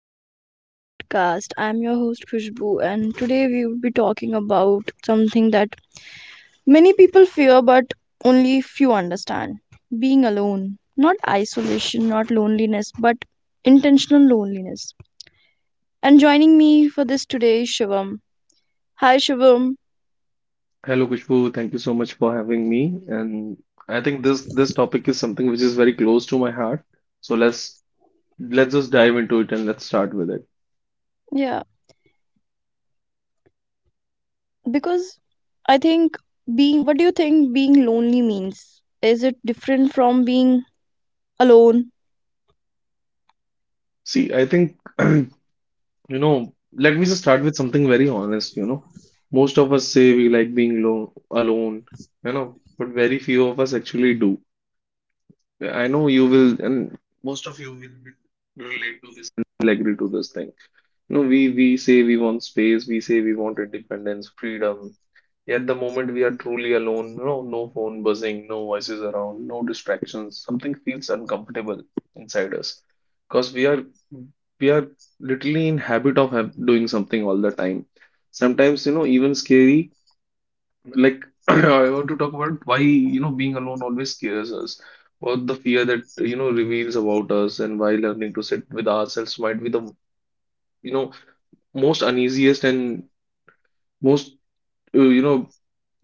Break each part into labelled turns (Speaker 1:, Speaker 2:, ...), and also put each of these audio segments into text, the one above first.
Speaker 1: welcome back to the podcast. I'm your host Khushbu, and today we will be talking about something that many people fear but only few understand. Being alone. Not isolation, not loneliness, but intentional loneliness. And joining me for this today is Shivam. Hi Shivam.
Speaker 2: Hello Kushbu, thank you so much for having me. And I think this topic is something which is very close to my heart. So let's just dive into it and let's start with it.
Speaker 1: Yeah, because I think, being what do you think being lonely means? Is it different from being alone?
Speaker 2: See, I think let me just start with something very honest. Most of us say we like being lo alone, you know, but very few of us actually do. I know you will, and most of you relate to this and will agree to this thing. No, we say we want space, we say we want independence, freedom. Yet the moment we are truly alone, no, no phone buzzing, no voices around, no distractions, something feels uncomfortable inside us. Because we are literally in habit of doing something all the time. Sometimes, you know, even scary. Like I want to talk about why, you know, being alone always scares us. Or the fear that, you know, reveals about us and why learning to sit with ourselves might be the, you know, most uneasiest and most uh, you know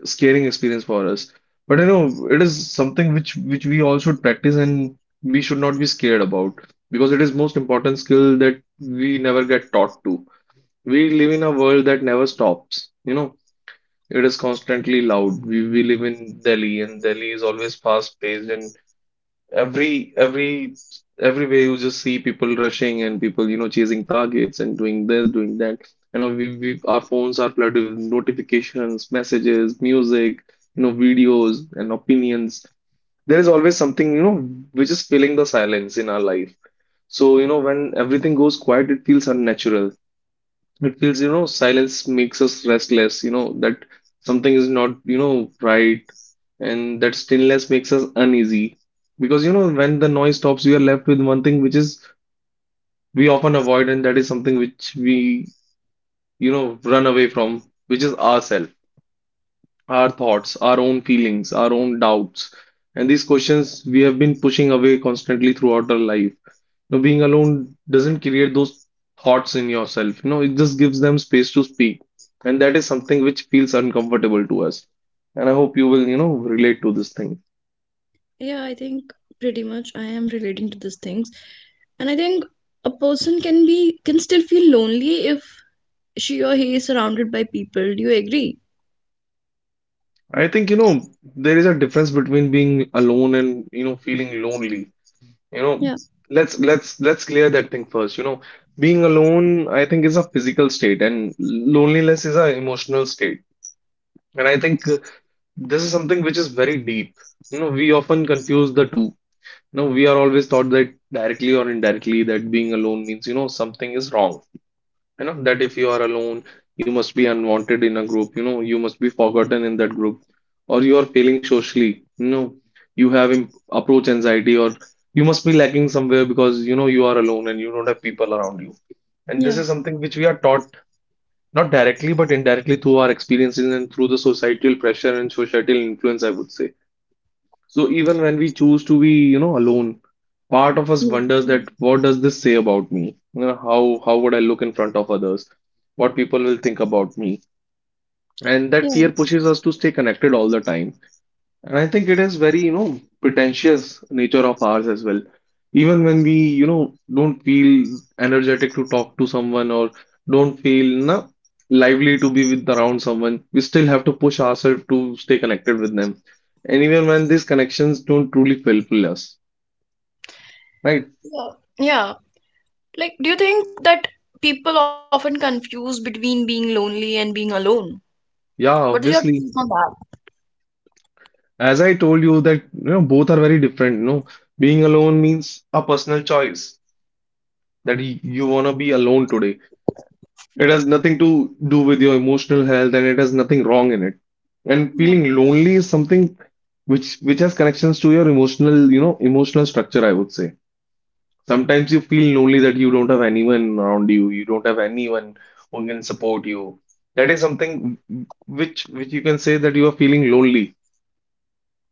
Speaker 2: scaring experience for us. But you know, it is something which we all should practice and we should not be scared about because it is most important skill that we never get taught to. We live in a world that never stops. You know, it is constantly loud. We live in Delhi and Delhi is always fast paced and Every every everywhere you just see people rushing and people you know chasing targets and doing this, doing that. You know, we our phones are flooded with notifications, messages, music, you know, videos and opinions. There is always something you know which is filling the silence in our life. So you know when everything goes quiet, it feels unnatural. It feels, you know, silence makes us restless, you know, that something is not, you know, right. And that stillness makes us uneasy. Because, you know, when the noise stops, we are left with one thing which is we often avoid, and that is something which we run away from, which is ourselves, our thoughts, our own feelings, our own doubts. And these questions we have been pushing away constantly throughout our life. Now, being alone doesn't create those thoughts in yourself. You know, it just gives them space to speak. And that is something which feels uncomfortable to us. And I hope you will, you know, relate to this thing.
Speaker 1: Yeah, I think pretty much I am relating to these things. And I think a person can still feel lonely if she or he is surrounded by people. Do you agree?
Speaker 2: I think, you know, there is a difference between being alone and, you know, feeling lonely. you know
Speaker 1: Yeah.
Speaker 2: let's clear that thing first. Being alone, I think, is a physical state, and loneliness is an emotional state. And I think this is something which is very deep. You know, we often confuse the two. We are always taught, that directly or indirectly, that being alone means, you know, something is wrong. You know, that if you are alone, you must be unwanted in a group. You know, you must be forgotten in that group, or you are failing socially. You know, you have approach anxiety, or you must be lacking somewhere because, you know, you are alone and you don't have people around you. And this
Speaker 1: Yeah.
Speaker 2: is something which we are taught, not directly but indirectly, through our experiences and through the societal pressure and societal influence, I would say. So even when we choose to be, you know, alone, part of us
Speaker 1: Mm.
Speaker 2: wonders that what does this say about me? You know, how would I look in front of others? What people will think about me? And that
Speaker 1: Yeah.
Speaker 2: fear pushes us to stay connected all the time, and I think it is very, you know, pretentious nature of ours as well. Even when we, you know, don't feel energetic to talk to someone or don't feel na, lively to be with around someone, we still have to push ourselves to stay connected with them. And even when these connections don't truly fulfill us, right?
Speaker 1: Yeah. Yeah. Like, do you think that people often confuse between being lonely and being alone?
Speaker 2: Yeah,
Speaker 1: What is your take
Speaker 2: obviously.
Speaker 1: on that?
Speaker 2: As I told you that, you know, both are very different, you know. Being alone means a personal choice that you want to be alone today. It has nothing to do with your emotional health and it has nothing wrong in it. And
Speaker 1: Yeah.
Speaker 2: feeling lonely is something which has connections to your emotional, you know, emotional structure, I would say. Sometimes you feel lonely that you don't have anyone around you, you don't have anyone who can support you. That is something which you can say that you are feeling lonely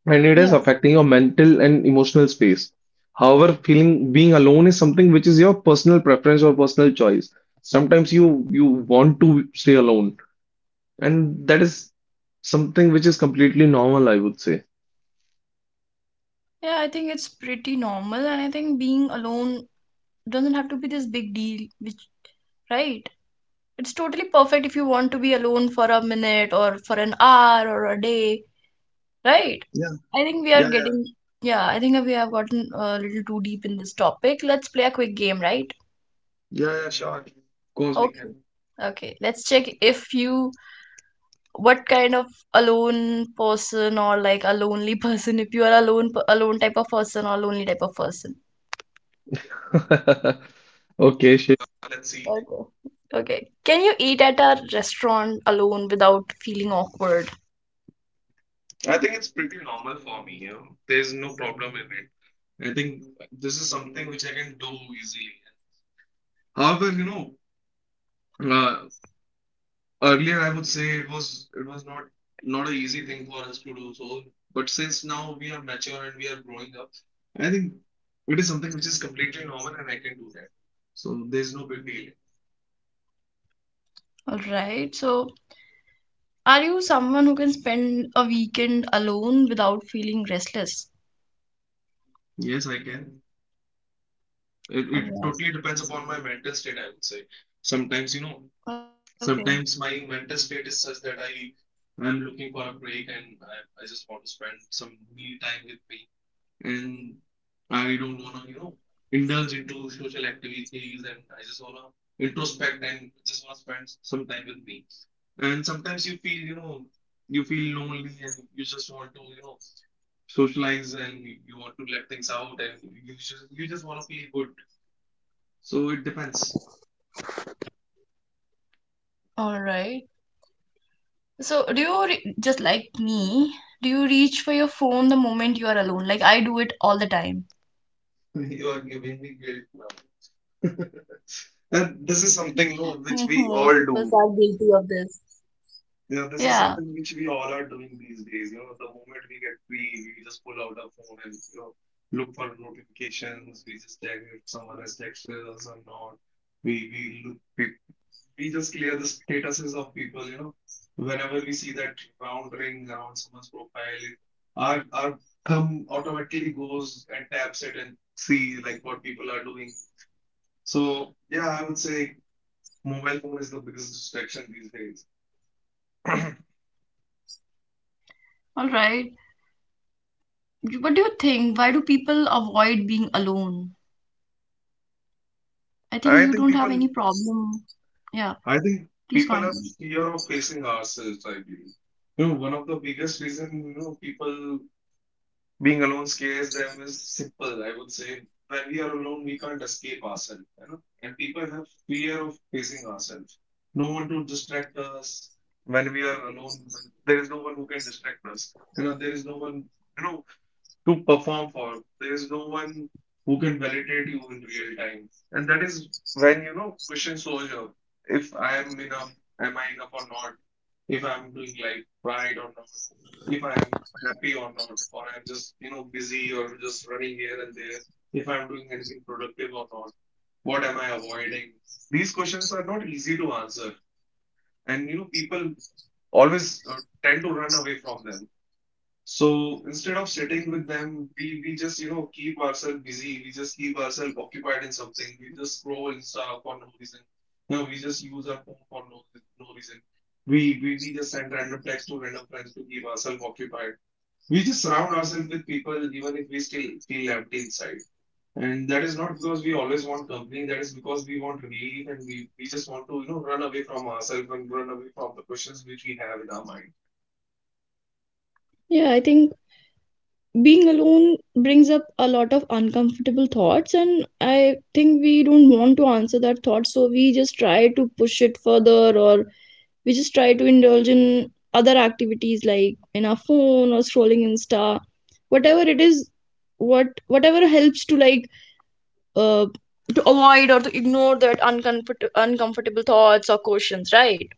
Speaker 2: and it is
Speaker 1: Yeah.
Speaker 2: affecting your mental and emotional space. However, feeling being alone is something which is your personal preference or personal choice. Sometimes you want to stay alone, and that is something which is completely normal, I would say.
Speaker 1: Yeah, I think it's pretty normal, and I think being alone doesn't have to be this big deal, right? It's totally perfect if you want to be alone for a minute or for an hour or a day, right?
Speaker 2: Yeah,
Speaker 1: I think we are
Speaker 2: yeah,
Speaker 1: getting, yeah, I think we have gotten a little too deep in this topic. Let's play a quick game, right?
Speaker 2: yeah, yeah, yeah, sure. Of course, we
Speaker 1: Okay.
Speaker 2: can.
Speaker 1: Okay, let's check if you what kind of alone person, or like a lonely person, if you are alone type of person or lonely type of person.
Speaker 2: Okay, sure. Let's see.
Speaker 1: Okay. Okay. Can you eat at a restaurant alone without feeling awkward?
Speaker 2: I think it's pretty normal for me, you know. There's no problem in it. I think this is something which I can do easily. However, you know, uh, earlier, I would say it was not an easy thing for us to do so, but since now we are mature and we are growing up, I think it is something which is completely normal and I can do that. So there's no big deal.
Speaker 1: All right. So, are you someone who can spend a weekend alone without feeling restless?
Speaker 2: Yes, I can. It,
Speaker 1: All
Speaker 2: it totally
Speaker 1: right.
Speaker 2: depends upon my mental state, I would say. Sometimes, you
Speaker 1: Okay.
Speaker 2: know, sometimes my mental state is such that I'm looking for a break, and I just want to spend some me time with me. And I don't wanna, you know, indulge into social activities and I just wanna introspect and just wanna spend some time with me. And sometimes you feel, you know, you feel lonely and you just want to, you know, socialize and you want to let things out, and you just wanna feel good. So it depends.
Speaker 1: All right. So, just like me? Do you reach for your phone the moment you are alone? Like I do it all the time.
Speaker 2: You are giving me guilt now. And this is something no, which we
Speaker 1: Most
Speaker 2: all
Speaker 1: of us
Speaker 2: do.
Speaker 1: are guilty of this.
Speaker 2: Yeah, this is
Speaker 1: Yeah.
Speaker 2: something which we all are doing these days. You know, the moment we get free, we just pull out our phone and, you know, look for notifications. We just check if someone has texted us or not. We we look we, we just clear the statuses of people, you know. Whenever we see that round ring around someone's profile, it, our thumb automatically goes and taps it and see like what people are doing. So yeah, I would say mobile phone is the biggest distraction these days.
Speaker 1: All right. What do you think? Why do people avoid being alone? I
Speaker 2: I
Speaker 1: think
Speaker 2: think
Speaker 1: you don't
Speaker 2: people
Speaker 1: have any problem. Yeah.
Speaker 2: I think people
Speaker 1: Please
Speaker 2: have
Speaker 1: continue.
Speaker 2: fear of facing ourselves, I believe. You know, one of the biggest reason, you know, people being alone scares them is simple, I would say. When we are alone, we can't escape ourselves, you know. And people have fear of facing ourselves. No one to distract us when we are alone. There is no one who can distract us. You know, there is no one, you know, to perform for. There is no one who can validate you in real time. And that is when, you know, question shows up. If I am enough, Am I enough or not? If I'm doing like right or not? If I'm happy or not? Or I'm just, you know, busy or just running here and there? If I'm doing anything productive or not? What am I avoiding? These questions are not easy to answer. And, you know, people always tend to run away from them, so instead of sitting with them, we just, you know, keep ourselves busy. We just keep ourselves occupied in something. We just scroll Insta for no reason. You know, we just use our phone for no reason. We just send random text to random friends to keep ourselves occupied. We just surround ourselves with people even if we still feel empty inside. And that is not because we always want company. That is because we want relief, and we just want to, you know, run away from ourselves and run away from the questions which we have in our mind.
Speaker 1: Yeah, I think being alone brings up a lot of uncomfortable thoughts, and I think we don't want to answer that thought, so we just try to push it further, or we just try to indulge in other activities, like in our phone or scrolling insta, whatever it is. Whatever helps to, like, uh, to avoid or to ignore that uncomfortable thoughts or questions, right?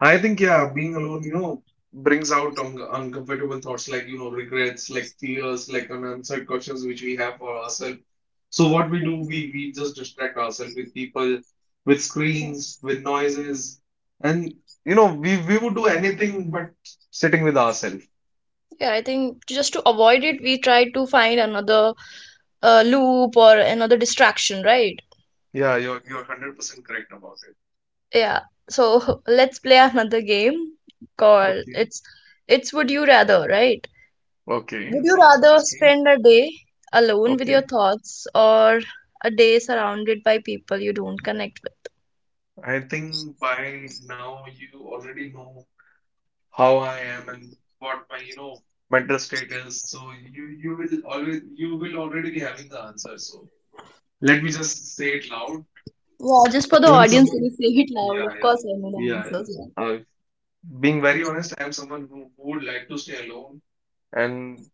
Speaker 2: I think, yeah, being alone, you know, brings out un uncomfortable thoughts like, you know, regrets, like fears, like unanswered questions which we have for ourselves. So what we do, we just distract ourselves with people, with
Speaker 1: So,
Speaker 2: screens, with noises, and you know, we would do anything but sitting with ourselves.
Speaker 1: yeah, I think just to avoid it, we try to find another, loop, or another distraction, right?
Speaker 2: Yeah, you're 100% correct about it.
Speaker 1: Yeah. So let's play another game called,
Speaker 2: Okay,
Speaker 1: it's Would You Rather, right?
Speaker 2: okay,
Speaker 1: Would you
Speaker 2: sounds
Speaker 1: rather
Speaker 2: interesting.
Speaker 1: spend a day alone with
Speaker 2: Okay,
Speaker 1: your thoughts, or a day surrounded by people you don't connect with?
Speaker 2: I think by now you already know how I am and what my, you know, mental state is. So you will already be having the answer. So let me just say it loud.
Speaker 1: Yeah, just for the
Speaker 2: I'm
Speaker 1: audience, if
Speaker 2: someone.
Speaker 1: you say it
Speaker 2: Yeah,
Speaker 1: loud, of
Speaker 2: yeah,
Speaker 1: course I know the
Speaker 2: yeah,
Speaker 1: answers.
Speaker 2: yeah. Being very honest, I'm someone who would like to stay alone, and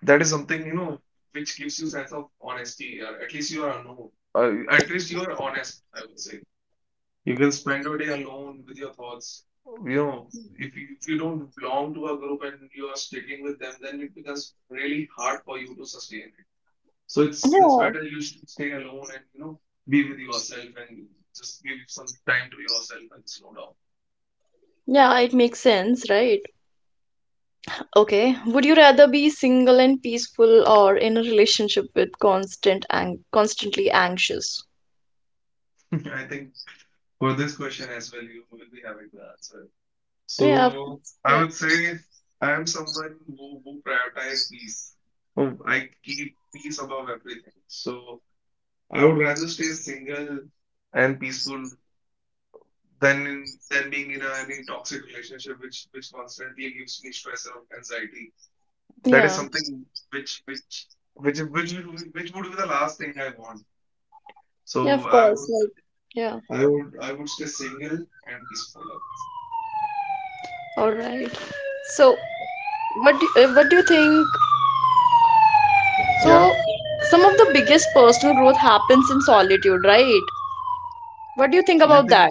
Speaker 2: that is something which gives you sense of honesty, or at least you are unknown. At least you are honest, I would say. You can spend your day alone with your thoughts. If you don't belong to a group and you are sticking with them, then it becomes really hard for you to sustain it. So
Speaker 1: Yeah.
Speaker 2: it's
Speaker 1: Yeah.
Speaker 2: better you should stay alone, and be with yourself and just give some time to yourself and slow
Speaker 1: Yeah, it makes sense, right? Okay. Would you rather be single and peaceful, or in a relationship with constantly anxious?
Speaker 2: down. I think for this question as well, you will be having the answer.
Speaker 1: Yeah, of
Speaker 2: So
Speaker 1: course.
Speaker 2: I
Speaker 1: Yeah.
Speaker 2: would say I am someone who prioritize peace. Oh, I keep peace above everything. So I would rather stay single and peaceful than being in any toxic relationship which constantly gives me stress and anxiety. That is
Speaker 1: Yeah.
Speaker 2: something which would be the last thing I want.
Speaker 1: Yeah,
Speaker 2: So
Speaker 1: of
Speaker 2: I
Speaker 1: course.
Speaker 2: would
Speaker 1: Like, yeah.
Speaker 2: I would stay single and peaceful, I would say.
Speaker 1: All right. So, what do you think? So,
Speaker 2: Yeah,
Speaker 1: some of the biggest personal growth happens in solitude, right? What do you think
Speaker 2: I
Speaker 1: about
Speaker 2: think
Speaker 1: that?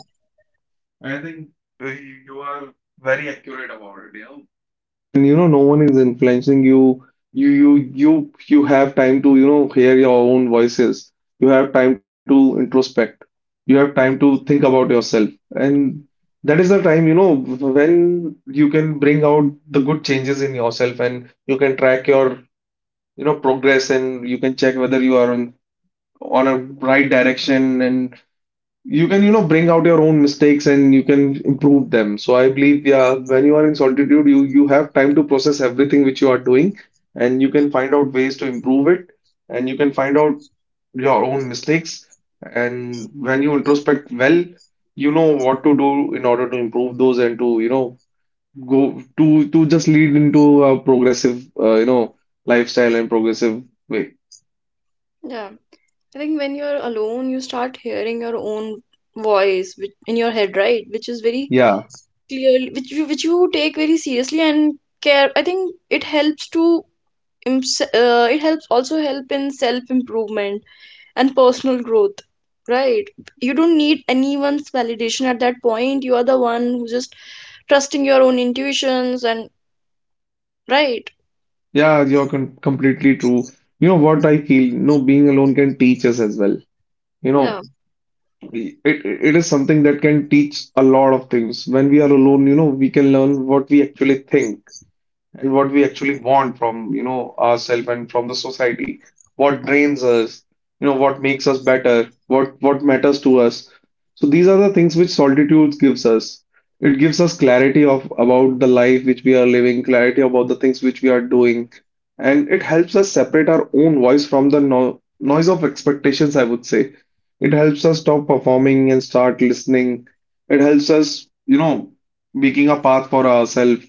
Speaker 2: I think you are very accurate about it. Yeah. And no one is influencing you. You you you you have time to hear your own voices. You have time to introspect. You have time to think about yourself. And that is the time when you can bring out the good changes in yourself, and you can track your progress, and you can check whether you are on a right direction, and you can, bring out your own mistakes and you can improve them. So I believe, yeah, when you are in solitude, you have time to process everything which you are doing, and you can find out ways to improve it, and you can find out your own mistakes. And when you introspect well, you know what to do in order to improve those and to, you know, go to just lead into a progressive, lifestyle and progressive way.
Speaker 1: Yeah. I think when you're alone, you start hearing your own voice which, in your head, right? Which is very
Speaker 2: Yeah.
Speaker 1: clear, which you take very seriously and care. I think it helps to, im- se- it helps also help in self improvement and personal growth, right? You don't need anyone's validation at that point. You are the one who just trusting your own intuitions, and right?
Speaker 2: Yeah, you're con completely true. You know what I feel? No, being alone can teach us as well. You
Speaker 1: Yeah.
Speaker 2: know, it it is something that can teach a lot of things. When we are alone, we can learn what we actually think and what we actually want from, ourselves and from the society, what drains us, what makes us better, what matters to us. So these are the things which solitude gives us. It gives us clarity of about the life which we are living, clarity about the things which we are doing, and it helps us separate our own voice from the no noise of expectations, I would say. It helps us stop performing and start listening. It helps us, making a path for ourselves.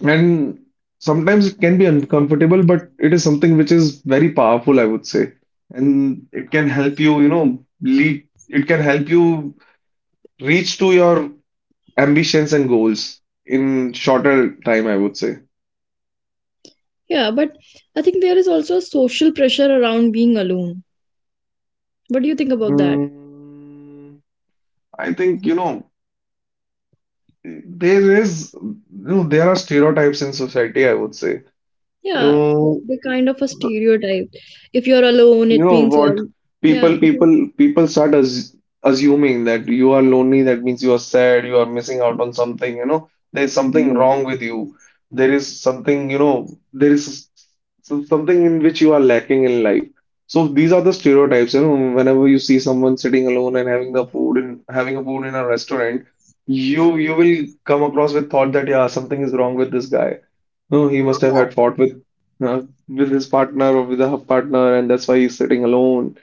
Speaker 2: And sometimes it can be uncomfortable, but it is something which is very powerful, I would say. And it can help you, it can help you reach to your ambitions and goals in shorter time, I would say.
Speaker 1: Yeah, but I think there is also social pressure around being alone. What do you think about that?
Speaker 2: Mm, I think, there is, you know, there are stereotypes in society, I would say. You
Speaker 1: Yeah,
Speaker 2: know,
Speaker 1: the kind of a stereotype. If you're alone,
Speaker 2: You
Speaker 1: it
Speaker 2: know
Speaker 1: means
Speaker 2: what?
Speaker 1: you're. Yeah.
Speaker 2: People,
Speaker 1: if you-
Speaker 2: people, people start as assuming that you are lonely. That means you are sad. You are missing out on something. You know, there's something
Speaker 1: Mhm.
Speaker 2: wrong with you. There is something. You know, something in which you are lacking in life. So these are the stereotypes. You know, whenever you see someone sitting alone and having a food in a restaurant, you will come across with thought that yeah, something is wrong with this guy. No, he must have had fought with uh, with his partner or with her partner, and that's why he's sitting alone.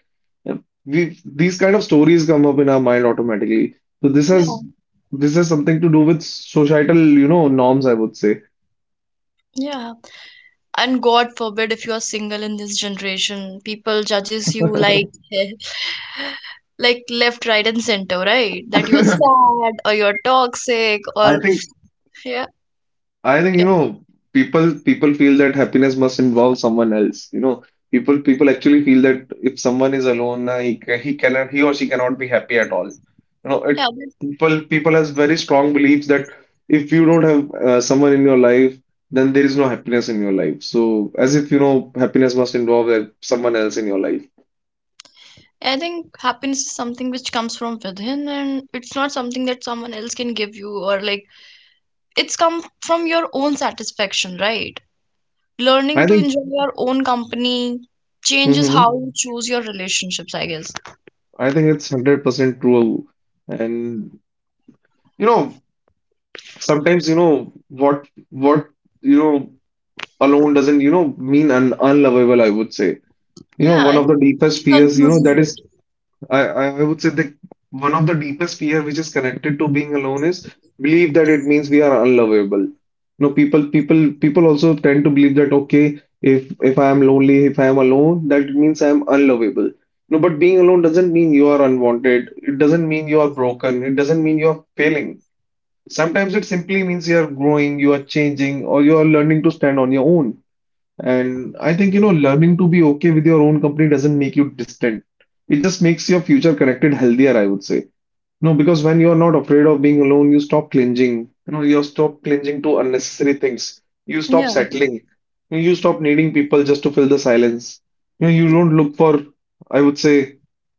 Speaker 2: And these kind of stories come up in our mind automatically. So
Speaker 1: Yeah, yeah,
Speaker 2: this has something to do with societal, you know, norms, I would say.
Speaker 1: yeah. And god forbid if you are single in this generation, people judges you like like, left, right, and center, right? That you are
Speaker 2: I
Speaker 1: sad, or you're toxic, or...
Speaker 2: think
Speaker 1: yeah,
Speaker 2: I think
Speaker 1: yeah,
Speaker 2: people feel that happiness must involve someone else. You know, people actually feel that if someone is alone, he or she cannot be happy at all. You know, it
Speaker 1: yeah. But
Speaker 2: people has very strong beliefs that if you don't have someone in your life, then there is no happiness in your life. So as if happiness must involve someone else in your life.
Speaker 1: I think happiness is something which comes from within, and it's not something that someone else can give you, or like, it's come from your own satisfaction, right? Learning
Speaker 2: I
Speaker 1: to
Speaker 2: think
Speaker 1: enjoy your own company changes how
Speaker 2: hmm
Speaker 1: you choose your relationships, I guess.
Speaker 2: I think it's 100% true. And you know, sometimes you know what you know alone doesn't, mean un unlovable, I would say. You know,
Speaker 1: Yeah, I
Speaker 2: one of the
Speaker 1: think people
Speaker 2: deepest fears,
Speaker 1: confuses
Speaker 2: that
Speaker 1: it.
Speaker 2: is, I would say that one of the deepest fear which is connected to being alone is believe that it means we are unlovable. You know, people also tend to believe that, okay, if I am lonely, if I am alone, that it means I am unlovable. No, but being alone doesn't mean you are unwanted. It doesn't mean you are broken. It doesn't mean you are failing. Sometimes it simply means you are growing, you are changing, or you are learning to stand on your own. And I think, learning to be okay with your own company doesn't make you distant. It just makes your future connected healthier, I would say. No, because when you're not afraid of being alone, you stop clinging. You know, you stop clinging to unnecessary things. You stop
Speaker 1: Yeah.
Speaker 2: settling. You stop needing people just to fill the silence. You know, you don't look for, I would say,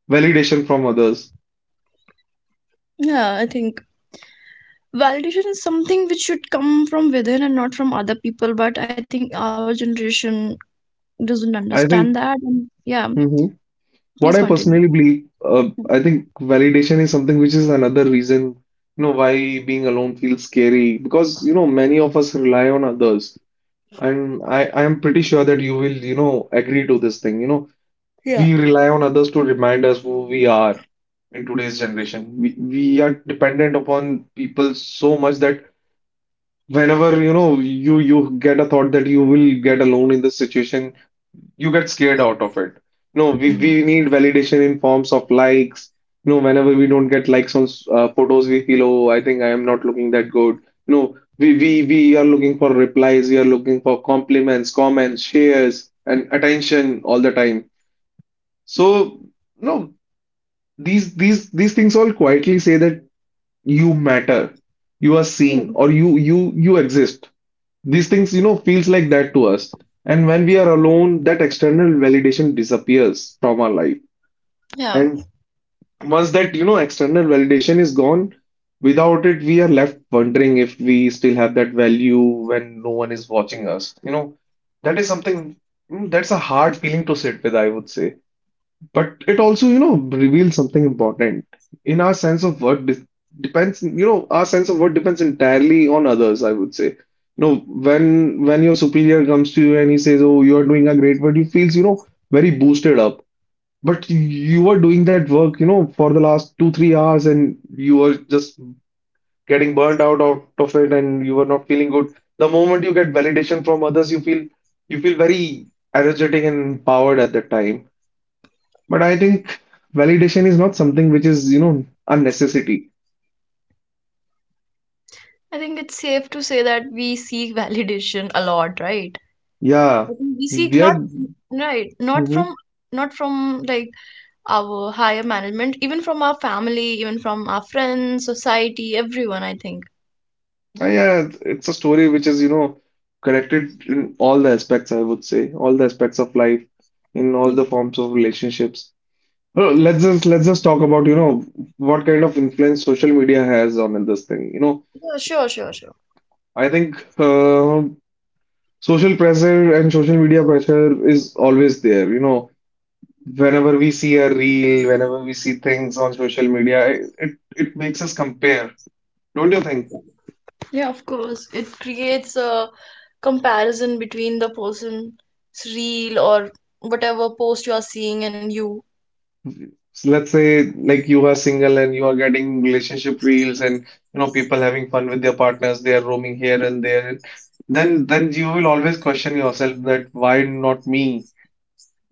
Speaker 2: validation from others.
Speaker 1: Yeah, I think validation is something which should come from within and not from other people, but I think our generation doesn't
Speaker 2: I
Speaker 1: understand that.
Speaker 2: think.
Speaker 1: And yeah,
Speaker 2: Mhm.
Speaker 1: please
Speaker 2: What I
Speaker 1: continue.
Speaker 2: personally believe, I think validation is something which is another reason, why being alone feels scary because, many of us rely on others. And I am pretty sure that you will, agree to this thing. You know, we rely on others to remind us who we are in today's generation. We are dependent upon people so much that whenever, you get a thought that you will get alone in this situation, you get scared out of it. No, we need validation in forms of likes. No, whenever we don't get likes on photos, we feel, oh, I think I am not looking that good. No, we are looking for replies, we are looking for compliments, comments, shares, and attention all the time. So, no, these things all quietly say that you matter, you are
Speaker 1: Yeah.
Speaker 2: seen, or you exist. These things, feels like that to us. And when we are alone, that external validation disappears from our life.
Speaker 1: Yeah.
Speaker 2: And once that, external validation is gone, without it, we are left wondering if we still have that value when no one is watching us. You know, that is something. That's a hard feeling to sit with, I would say. But it also, reveals something important. In our sense of worth de depends, you know, our sense of worth depends entirely on others, I would say. You know, when your superior comes to you and he says, "Oh, you are doing a great work," you feels, very boosted up. But you were doing that work, for the last 2, 3 hours, and you were just getting burnt out of it, and you were not feeling good. The moment you get validation from others, you feel very energetic and empowered at that time. But I think validation is not something which is, a necessity.
Speaker 1: I think it's safe to say that we seek validation a lot, right?
Speaker 2: Yeah,
Speaker 1: I think we seek,
Speaker 2: we are.
Speaker 1: not, right, not from
Speaker 2: Mhm.
Speaker 1: not from like our higher management, even from our family, even from our friends, society, everyone, I think.
Speaker 2: Yeah, it's a story which is, connected in all the aspects, I would say, all the aspects of life, in all
Speaker 1: Yeah.
Speaker 2: the forms of relationships. Well, let's just talk about, what kind of influence social media has on this thing. You know,
Speaker 1: Yeah, sure, sure, sure.
Speaker 2: I think social pressure and social media pressure is always there. You know, whenever we see a reel, whenever we see things on social media, it makes us compare, don't you think?
Speaker 1: Yeah, of course. It creates a comparison between the person's reel or whatever post you are seeing, and you.
Speaker 2: So let's say like you are single and you are getting relationship reels and you know people having fun with their partners, they are roaming here and there. Then you will always question yourself that why not me?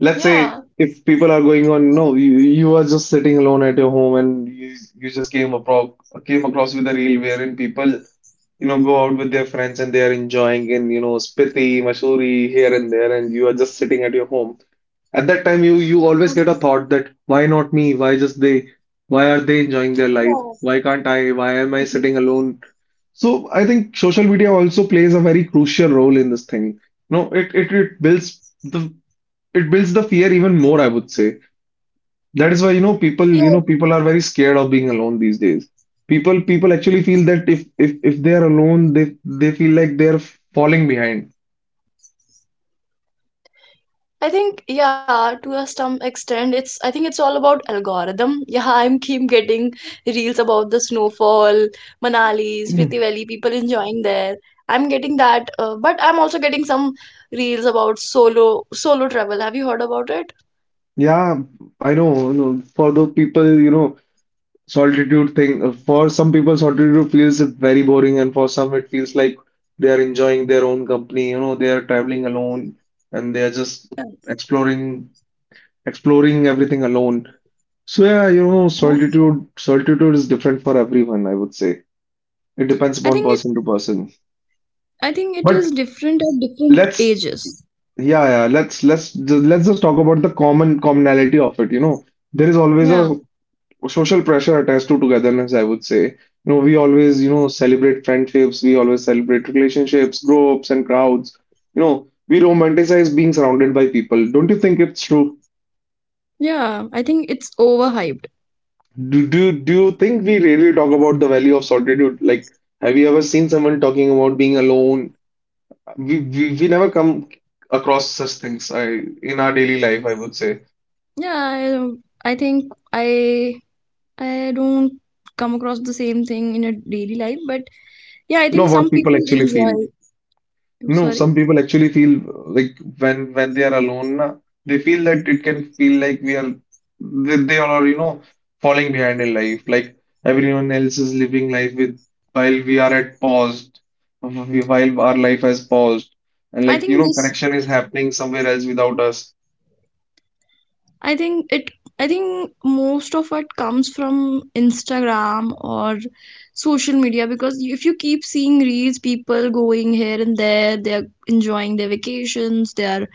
Speaker 2: Let's say if people are going on, no, you are just sitting alone at your home, and you just came across with a reel wherein people go out with their friends and they are enjoying in, Spiti, Mussoorie, here and there, and you are just sitting at your home. At that time, you always get a thought that why not me? Why just they? Why are they enjoying their life?
Speaker 1: Yeah.
Speaker 2: Why can't I? Why am I sitting alone? So I think social media also plays a very crucial role in this thing. No, it builds the it builds the fear even more, I would say. That is why, people,
Speaker 1: Yeah.
Speaker 2: people are very scared of being alone these days. People actually feel that if they are alone, they feel like they are falling behind.
Speaker 1: I think, yeah, to a some extent, it's I think it's all about algorithm. Yeah, I'm keep getting reels about the snowfall, Manali, Spiti Valley, people enjoying there. I'm getting that, but I'm also getting some reels about solo travel. Have you heard about it?
Speaker 2: Yeah, I know, you know, for those people, you know, solitude thing, for some people, solitude feels very boring, and for some, it feels like they are enjoying their own company, you know, they are traveling alone and they are just
Speaker 1: Yeah.
Speaker 2: exploring, exploring everything alone. So yeah, you know, solitude is different for everyone, I would say. It depends
Speaker 1: I
Speaker 2: upon
Speaker 1: think
Speaker 2: person to person.
Speaker 1: I think it
Speaker 2: But
Speaker 1: is different at different
Speaker 2: let's
Speaker 1: ages.
Speaker 2: yeah, yeah, let's ju- let's just talk about the common commonality of it. You know, there is always
Speaker 1: Yeah,
Speaker 2: a social pressure attached to togetherness, I would say. You know, we always, you know, celebrate friendships, we always celebrate relationships, groups and crowds. You know, we romanticize being surrounded by people. Don't you think it's true?
Speaker 1: yeah. I think it's overhyped.
Speaker 2: Do you think we really talk about the value of solitude? Like, have you ever seen someone talking about being alone? We never come across such things, I in our daily life, I would say.
Speaker 1: Yeah, I think I don't come across the same thing in a daily life, but yeah, I
Speaker 2: You know
Speaker 1: think
Speaker 2: what
Speaker 1: some
Speaker 2: people
Speaker 1: people
Speaker 2: actually feel?
Speaker 1: enjoy. I'm
Speaker 2: No,
Speaker 1: sorry.
Speaker 2: some people actually feel like when they are alone na, they feel that it can feel like we are they are, you know, falling behind in life, like everyone else is living life with while we are at while our life has paused, and,
Speaker 1: I
Speaker 2: like, you
Speaker 1: think
Speaker 2: know,
Speaker 1: this.
Speaker 2: connection is happening somewhere else without us.
Speaker 1: I think it. I think most of it comes from Instagram or social media, because if you keep seeing reels, people going here and there, they're enjoying their vacations, they are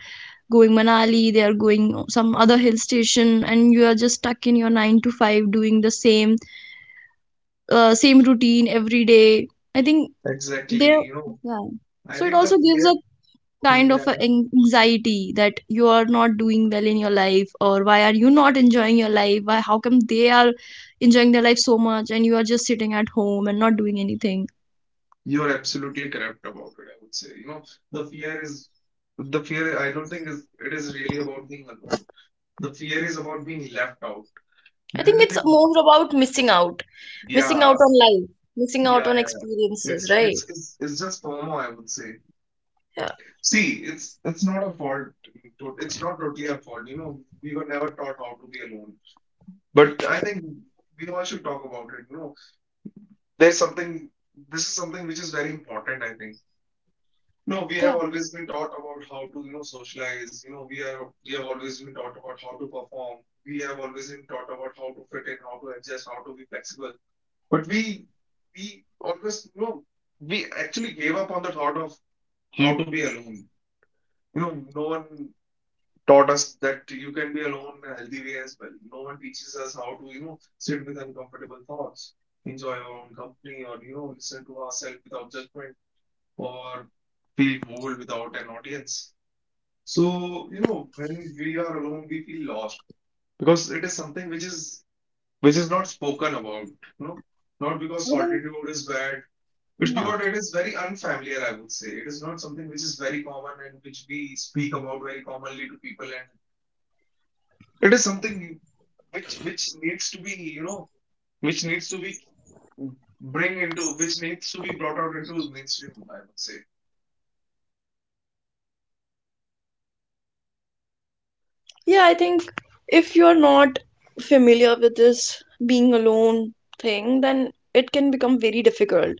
Speaker 1: going Manali, they are going some other hill station, and you are just stuck in your nine to five doing the same routine every day. I think they,
Speaker 2: Exactly, you know.
Speaker 1: yeah.
Speaker 2: I
Speaker 1: So it
Speaker 2: think the
Speaker 1: also gives a
Speaker 2: fear
Speaker 1: kind of a an- anxiety that you are not doing well in your life, or why are you not enjoying your life? Why? How come they are enjoying their life so much, and you are just sitting at home and not doing anything?
Speaker 2: You're absolutely correct about it, I would say. You know, the fear is the fear, I don't think, is it is really about being alone. The fear is about being left out.
Speaker 1: I think
Speaker 2: Do
Speaker 1: it's
Speaker 2: think?
Speaker 1: more about missing out
Speaker 2: Yeah,
Speaker 1: on life, missing out
Speaker 2: yeah,
Speaker 1: on
Speaker 2: yeah.
Speaker 1: experiences,
Speaker 2: It's
Speaker 1: right?
Speaker 2: it's it's it's just FOMO, I would say.
Speaker 1: Yeah.
Speaker 2: See, it's not a fault. It's not totally our fault. You know, we were never taught how to be alone. But I think we all should talk about it. You know, there's something. This is something which is very important. I think no, we have always been taught about how to, you know, socialize. You know, we have always been taught about how to perform. We have always been taught about how to fit in, how to adjust, how to be flexible. But we always, you know, we actually gave up on the thought of how to be alone. You know, no one taught us that you can be alone in a healthy way as well. No one teaches us how to, you know, sit with uncomfortable thoughts, enjoy our own company, or, you know, listen to ourselves without judgment, or feel bored without an audience. So, you know, when we are alone, we feel lost because it is something which is not spoken about, you know, not because solitude is bad. It's because it is very unfamiliar, I would say. It is not something which is very common and which we speak about very commonly to people, and it is something which needs to be, you know, which needs to be which needs to be brought out into mainstream, I would say.
Speaker 1: Yeah, I think if you're not familiar with this being alone thing, then it can become very difficult.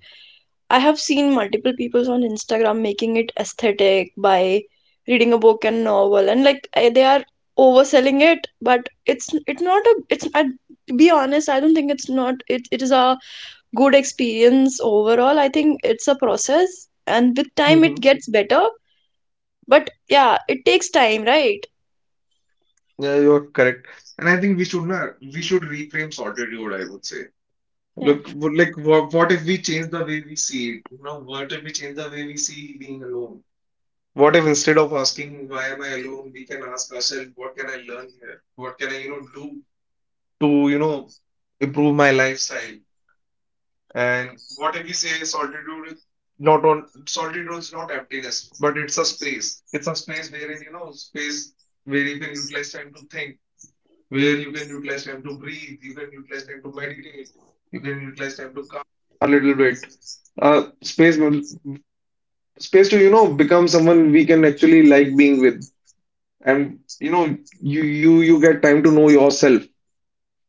Speaker 1: I have seen multiple people on Instagram making it aesthetic by reading a book and novel, and they are overselling it. But it's not a it's I, to be honest, I don't think it's not it, it is a good experience overall. I think it's a process, and with time it
Speaker 2: Hmm.
Speaker 1: gets better, but yeah, it takes time, right?
Speaker 2: Yeah, you're correct. And I think we should not, we should reframe solitude, I would say.
Speaker 1: Yeah.
Speaker 2: Look, like what if we change the way we see it? You know, what if we change the way we see being alone? What if instead of asking why am I alone, we can ask ourselves what can I learn here? What can I, you know, do to, you know, improve my lifestyle? And what if we say solitude is not emptiness, but it's a space. It's a space wherein, you know, space where you can utilize time to think, where you can utilize time to breathe, you can utilize time to meditate, you can utilize time to calm a little bit. Space, space to, you know, become someone we can actually like being with, and, you know, you get time to know yourself,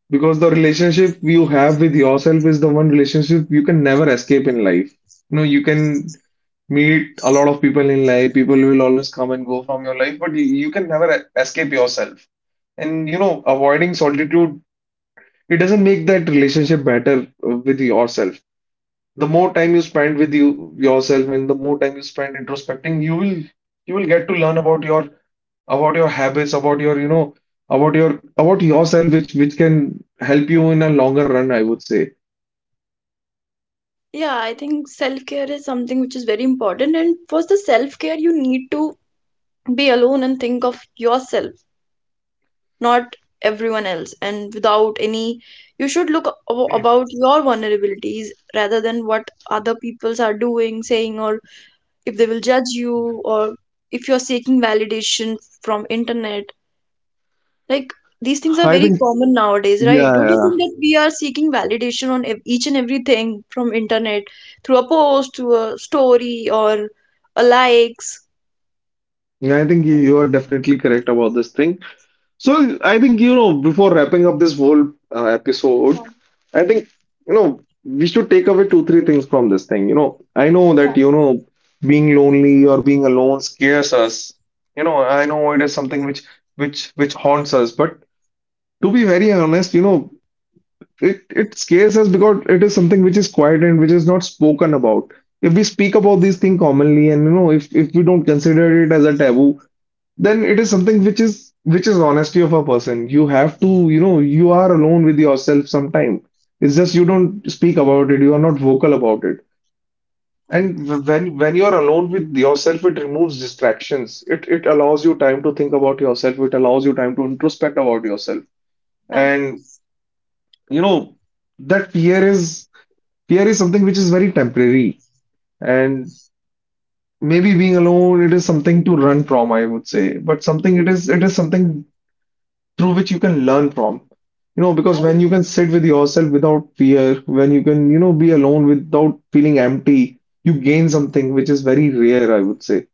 Speaker 2: because the relationship you have with yourself is the one relationship you can never escape in life. You know, you can meet a lot of people in life. People will always come and go from your life, but you can never escape yourself. And, you know, avoiding solitude, it doesn't make that relationship better with yourself. The more time you spend with you yourself and the more time you spend introspecting, you will get to learn about your habits, about your, you know, about your about yourself, which can help you in a longer run, I would say.
Speaker 1: Yeah, I think self care is something which is very important. And for the self care, you need to be alone and think of yourself, not everyone else. And without any, You should look about your vulnerabilities rather than what other peoples are doing, saying, or if they will judge you, or if you're seeking validation from internet. Like, these things are very common nowadays, right? Don't you think that we are seeking validation on each and everything from internet, through a post, through a story, or a likes?
Speaker 2: Yeah, I think you are definitely correct about this thing. So I think, you know, before wrapping up this whole episode,
Speaker 1: Yeah,
Speaker 2: I think, you know, we should take away two three things from this thing. You know, I know
Speaker 1: yeah,
Speaker 2: that, you know, being lonely or being alone scares us. You know, I know it is something which haunts us. But to be very honest, you know, it scares us because it is something which is quiet and which is not spoken about. If we speak about these things commonly, and you know, if we don't consider it as a taboo, then it is something which is honesty of a person. You have to, you know, you are alone with yourself sometime. It's just you don't speak about it, you are not vocal about it. And when you are alone with yourself, it removes distractions, it allows you time to think about yourself, it allows you time to introspect about yourself.
Speaker 1: yeah.
Speaker 2: And, you know, that fear is something which is very temporary. And maybe being alone, it is something to run from, I would say, but something, it is something through which you can learn from. You know,
Speaker 1: I
Speaker 2: because when
Speaker 1: think
Speaker 2: you can sit with yourself without fear, when you can, you know, be alone without feeling empty, you gain something which is very rare, I would say.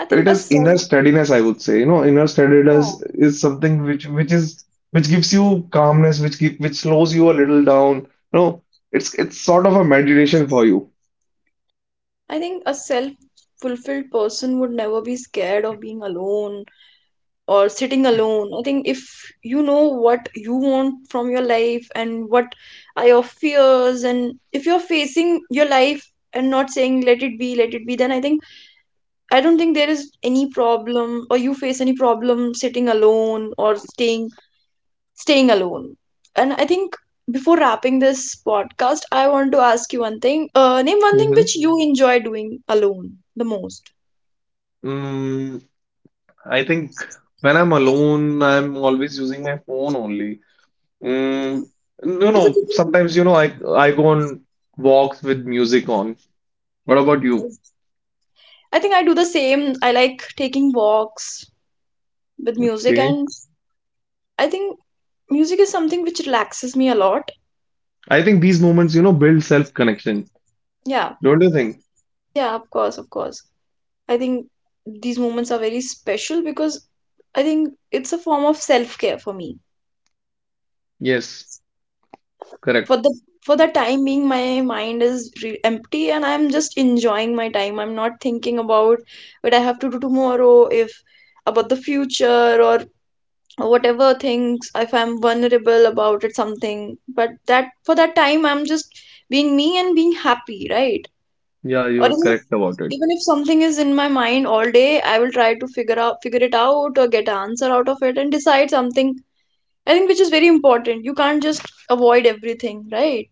Speaker 1: I think
Speaker 2: It
Speaker 1: a
Speaker 2: is
Speaker 1: self
Speaker 2: inner steadiness, I would say. You know, inner
Speaker 1: yeah.
Speaker 2: steadiness is something which is which gives you calmness, which which slows you a little down. You know, it's sort of a meditation for you.
Speaker 1: I think a self-fulfilled person would never be scared of being alone or sitting alone. I think if you know what you want from your life and what are your fears, and if you're facing your life and not saying let it be, then I think, I don't think there is any problem, or you face any problem sitting alone, or staying alone. And I think before wrapping this podcast, I want to ask you one thing. Name one thing
Speaker 2: Hmm.
Speaker 1: which you enjoy doing alone the most.
Speaker 2: Mm, I think when I'm alone, I'm always using my phone only. Mm, no,
Speaker 1: It's a
Speaker 2: no.
Speaker 1: thing-
Speaker 2: Sometimes, you know, I go on walks with music on. What about you?
Speaker 1: I think I do the same. I like taking walks with music,
Speaker 2: Okay.
Speaker 1: and I think music is something which relaxes me a lot.
Speaker 2: I think these moments, you know, build self-connection.
Speaker 1: Yeah,
Speaker 2: Don't you think?
Speaker 1: yeah, of course, of course. I think these moments are very special, because I think it's a form of self care for me.
Speaker 2: Yes, correct.
Speaker 1: for the for the time being, my mind is empty, and I'm just enjoying my time. I'm not thinking about what I have to do tomorrow, if about the future, or whatever things if I'm vulnerable about it, something. But that for that time, I'm just being me and being happy, right?
Speaker 2: Yeah,
Speaker 1: Or
Speaker 2: you are
Speaker 1: even if,
Speaker 2: correct about it.
Speaker 1: even if something is in my mind all day, I will try to figure it out, or get an answer out of it and decide something. I think, which is very important. You can't just avoid everything, right?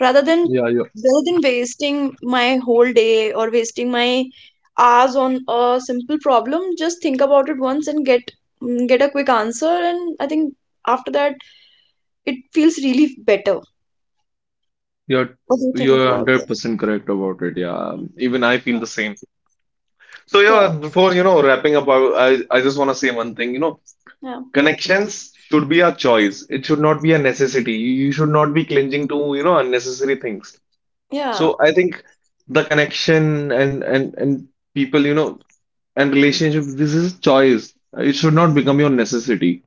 Speaker 1: rather than
Speaker 2: Yeah,
Speaker 1: rather than wasting my whole day, or wasting my hours on a simple problem, just think about it once and get a quick answer. And I think after that, it feels really better.
Speaker 2: you're
Speaker 1: What do you think
Speaker 2: you're
Speaker 1: about
Speaker 2: 100% correct about it. Yeah, even I
Speaker 1: it?
Speaker 2: feel the same. So
Speaker 1: Yeah.
Speaker 2: yeah, before, you know, wrapping up, I, I just want to say one thing. You know,
Speaker 1: Yeah,
Speaker 2: connections should be a choice. It should not be a necessity. You should not be clinging to, you know, unnecessary things.
Speaker 1: yeah,
Speaker 2: So I think the connection and people, you know, and relationship, this is choice. It should not become your necessity.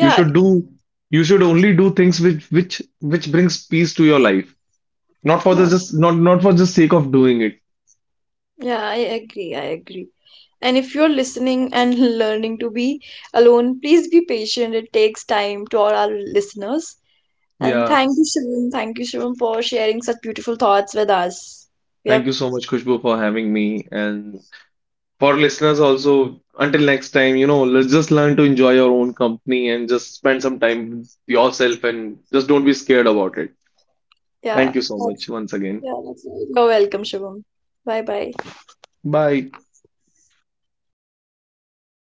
Speaker 2: You should do you should only do things which brings peace to your life.
Speaker 1: yeah,
Speaker 2: Not for the sake of doing it.
Speaker 1: yeah. I agree. And if you're listening and learning to be alone, please be patient, it takes time, to all our listeners. And
Speaker 2: Yeah.
Speaker 1: thank you, Shivam. Thank you, Shivam, for sharing such beautiful thoughts with us.
Speaker 2: Thank
Speaker 1: Yep.
Speaker 2: you so much, Khushbu, for having me. And for listeners also, until next time, you know, let's just learn to enjoy your own company and just spend some time with yourself and just don't be scared about it.
Speaker 1: Yeah.
Speaker 2: Thank you so
Speaker 1: That's,
Speaker 2: much once again.
Speaker 1: yeah, that's right. You're welcome, Shivam. Bye bye.
Speaker 2: Bye.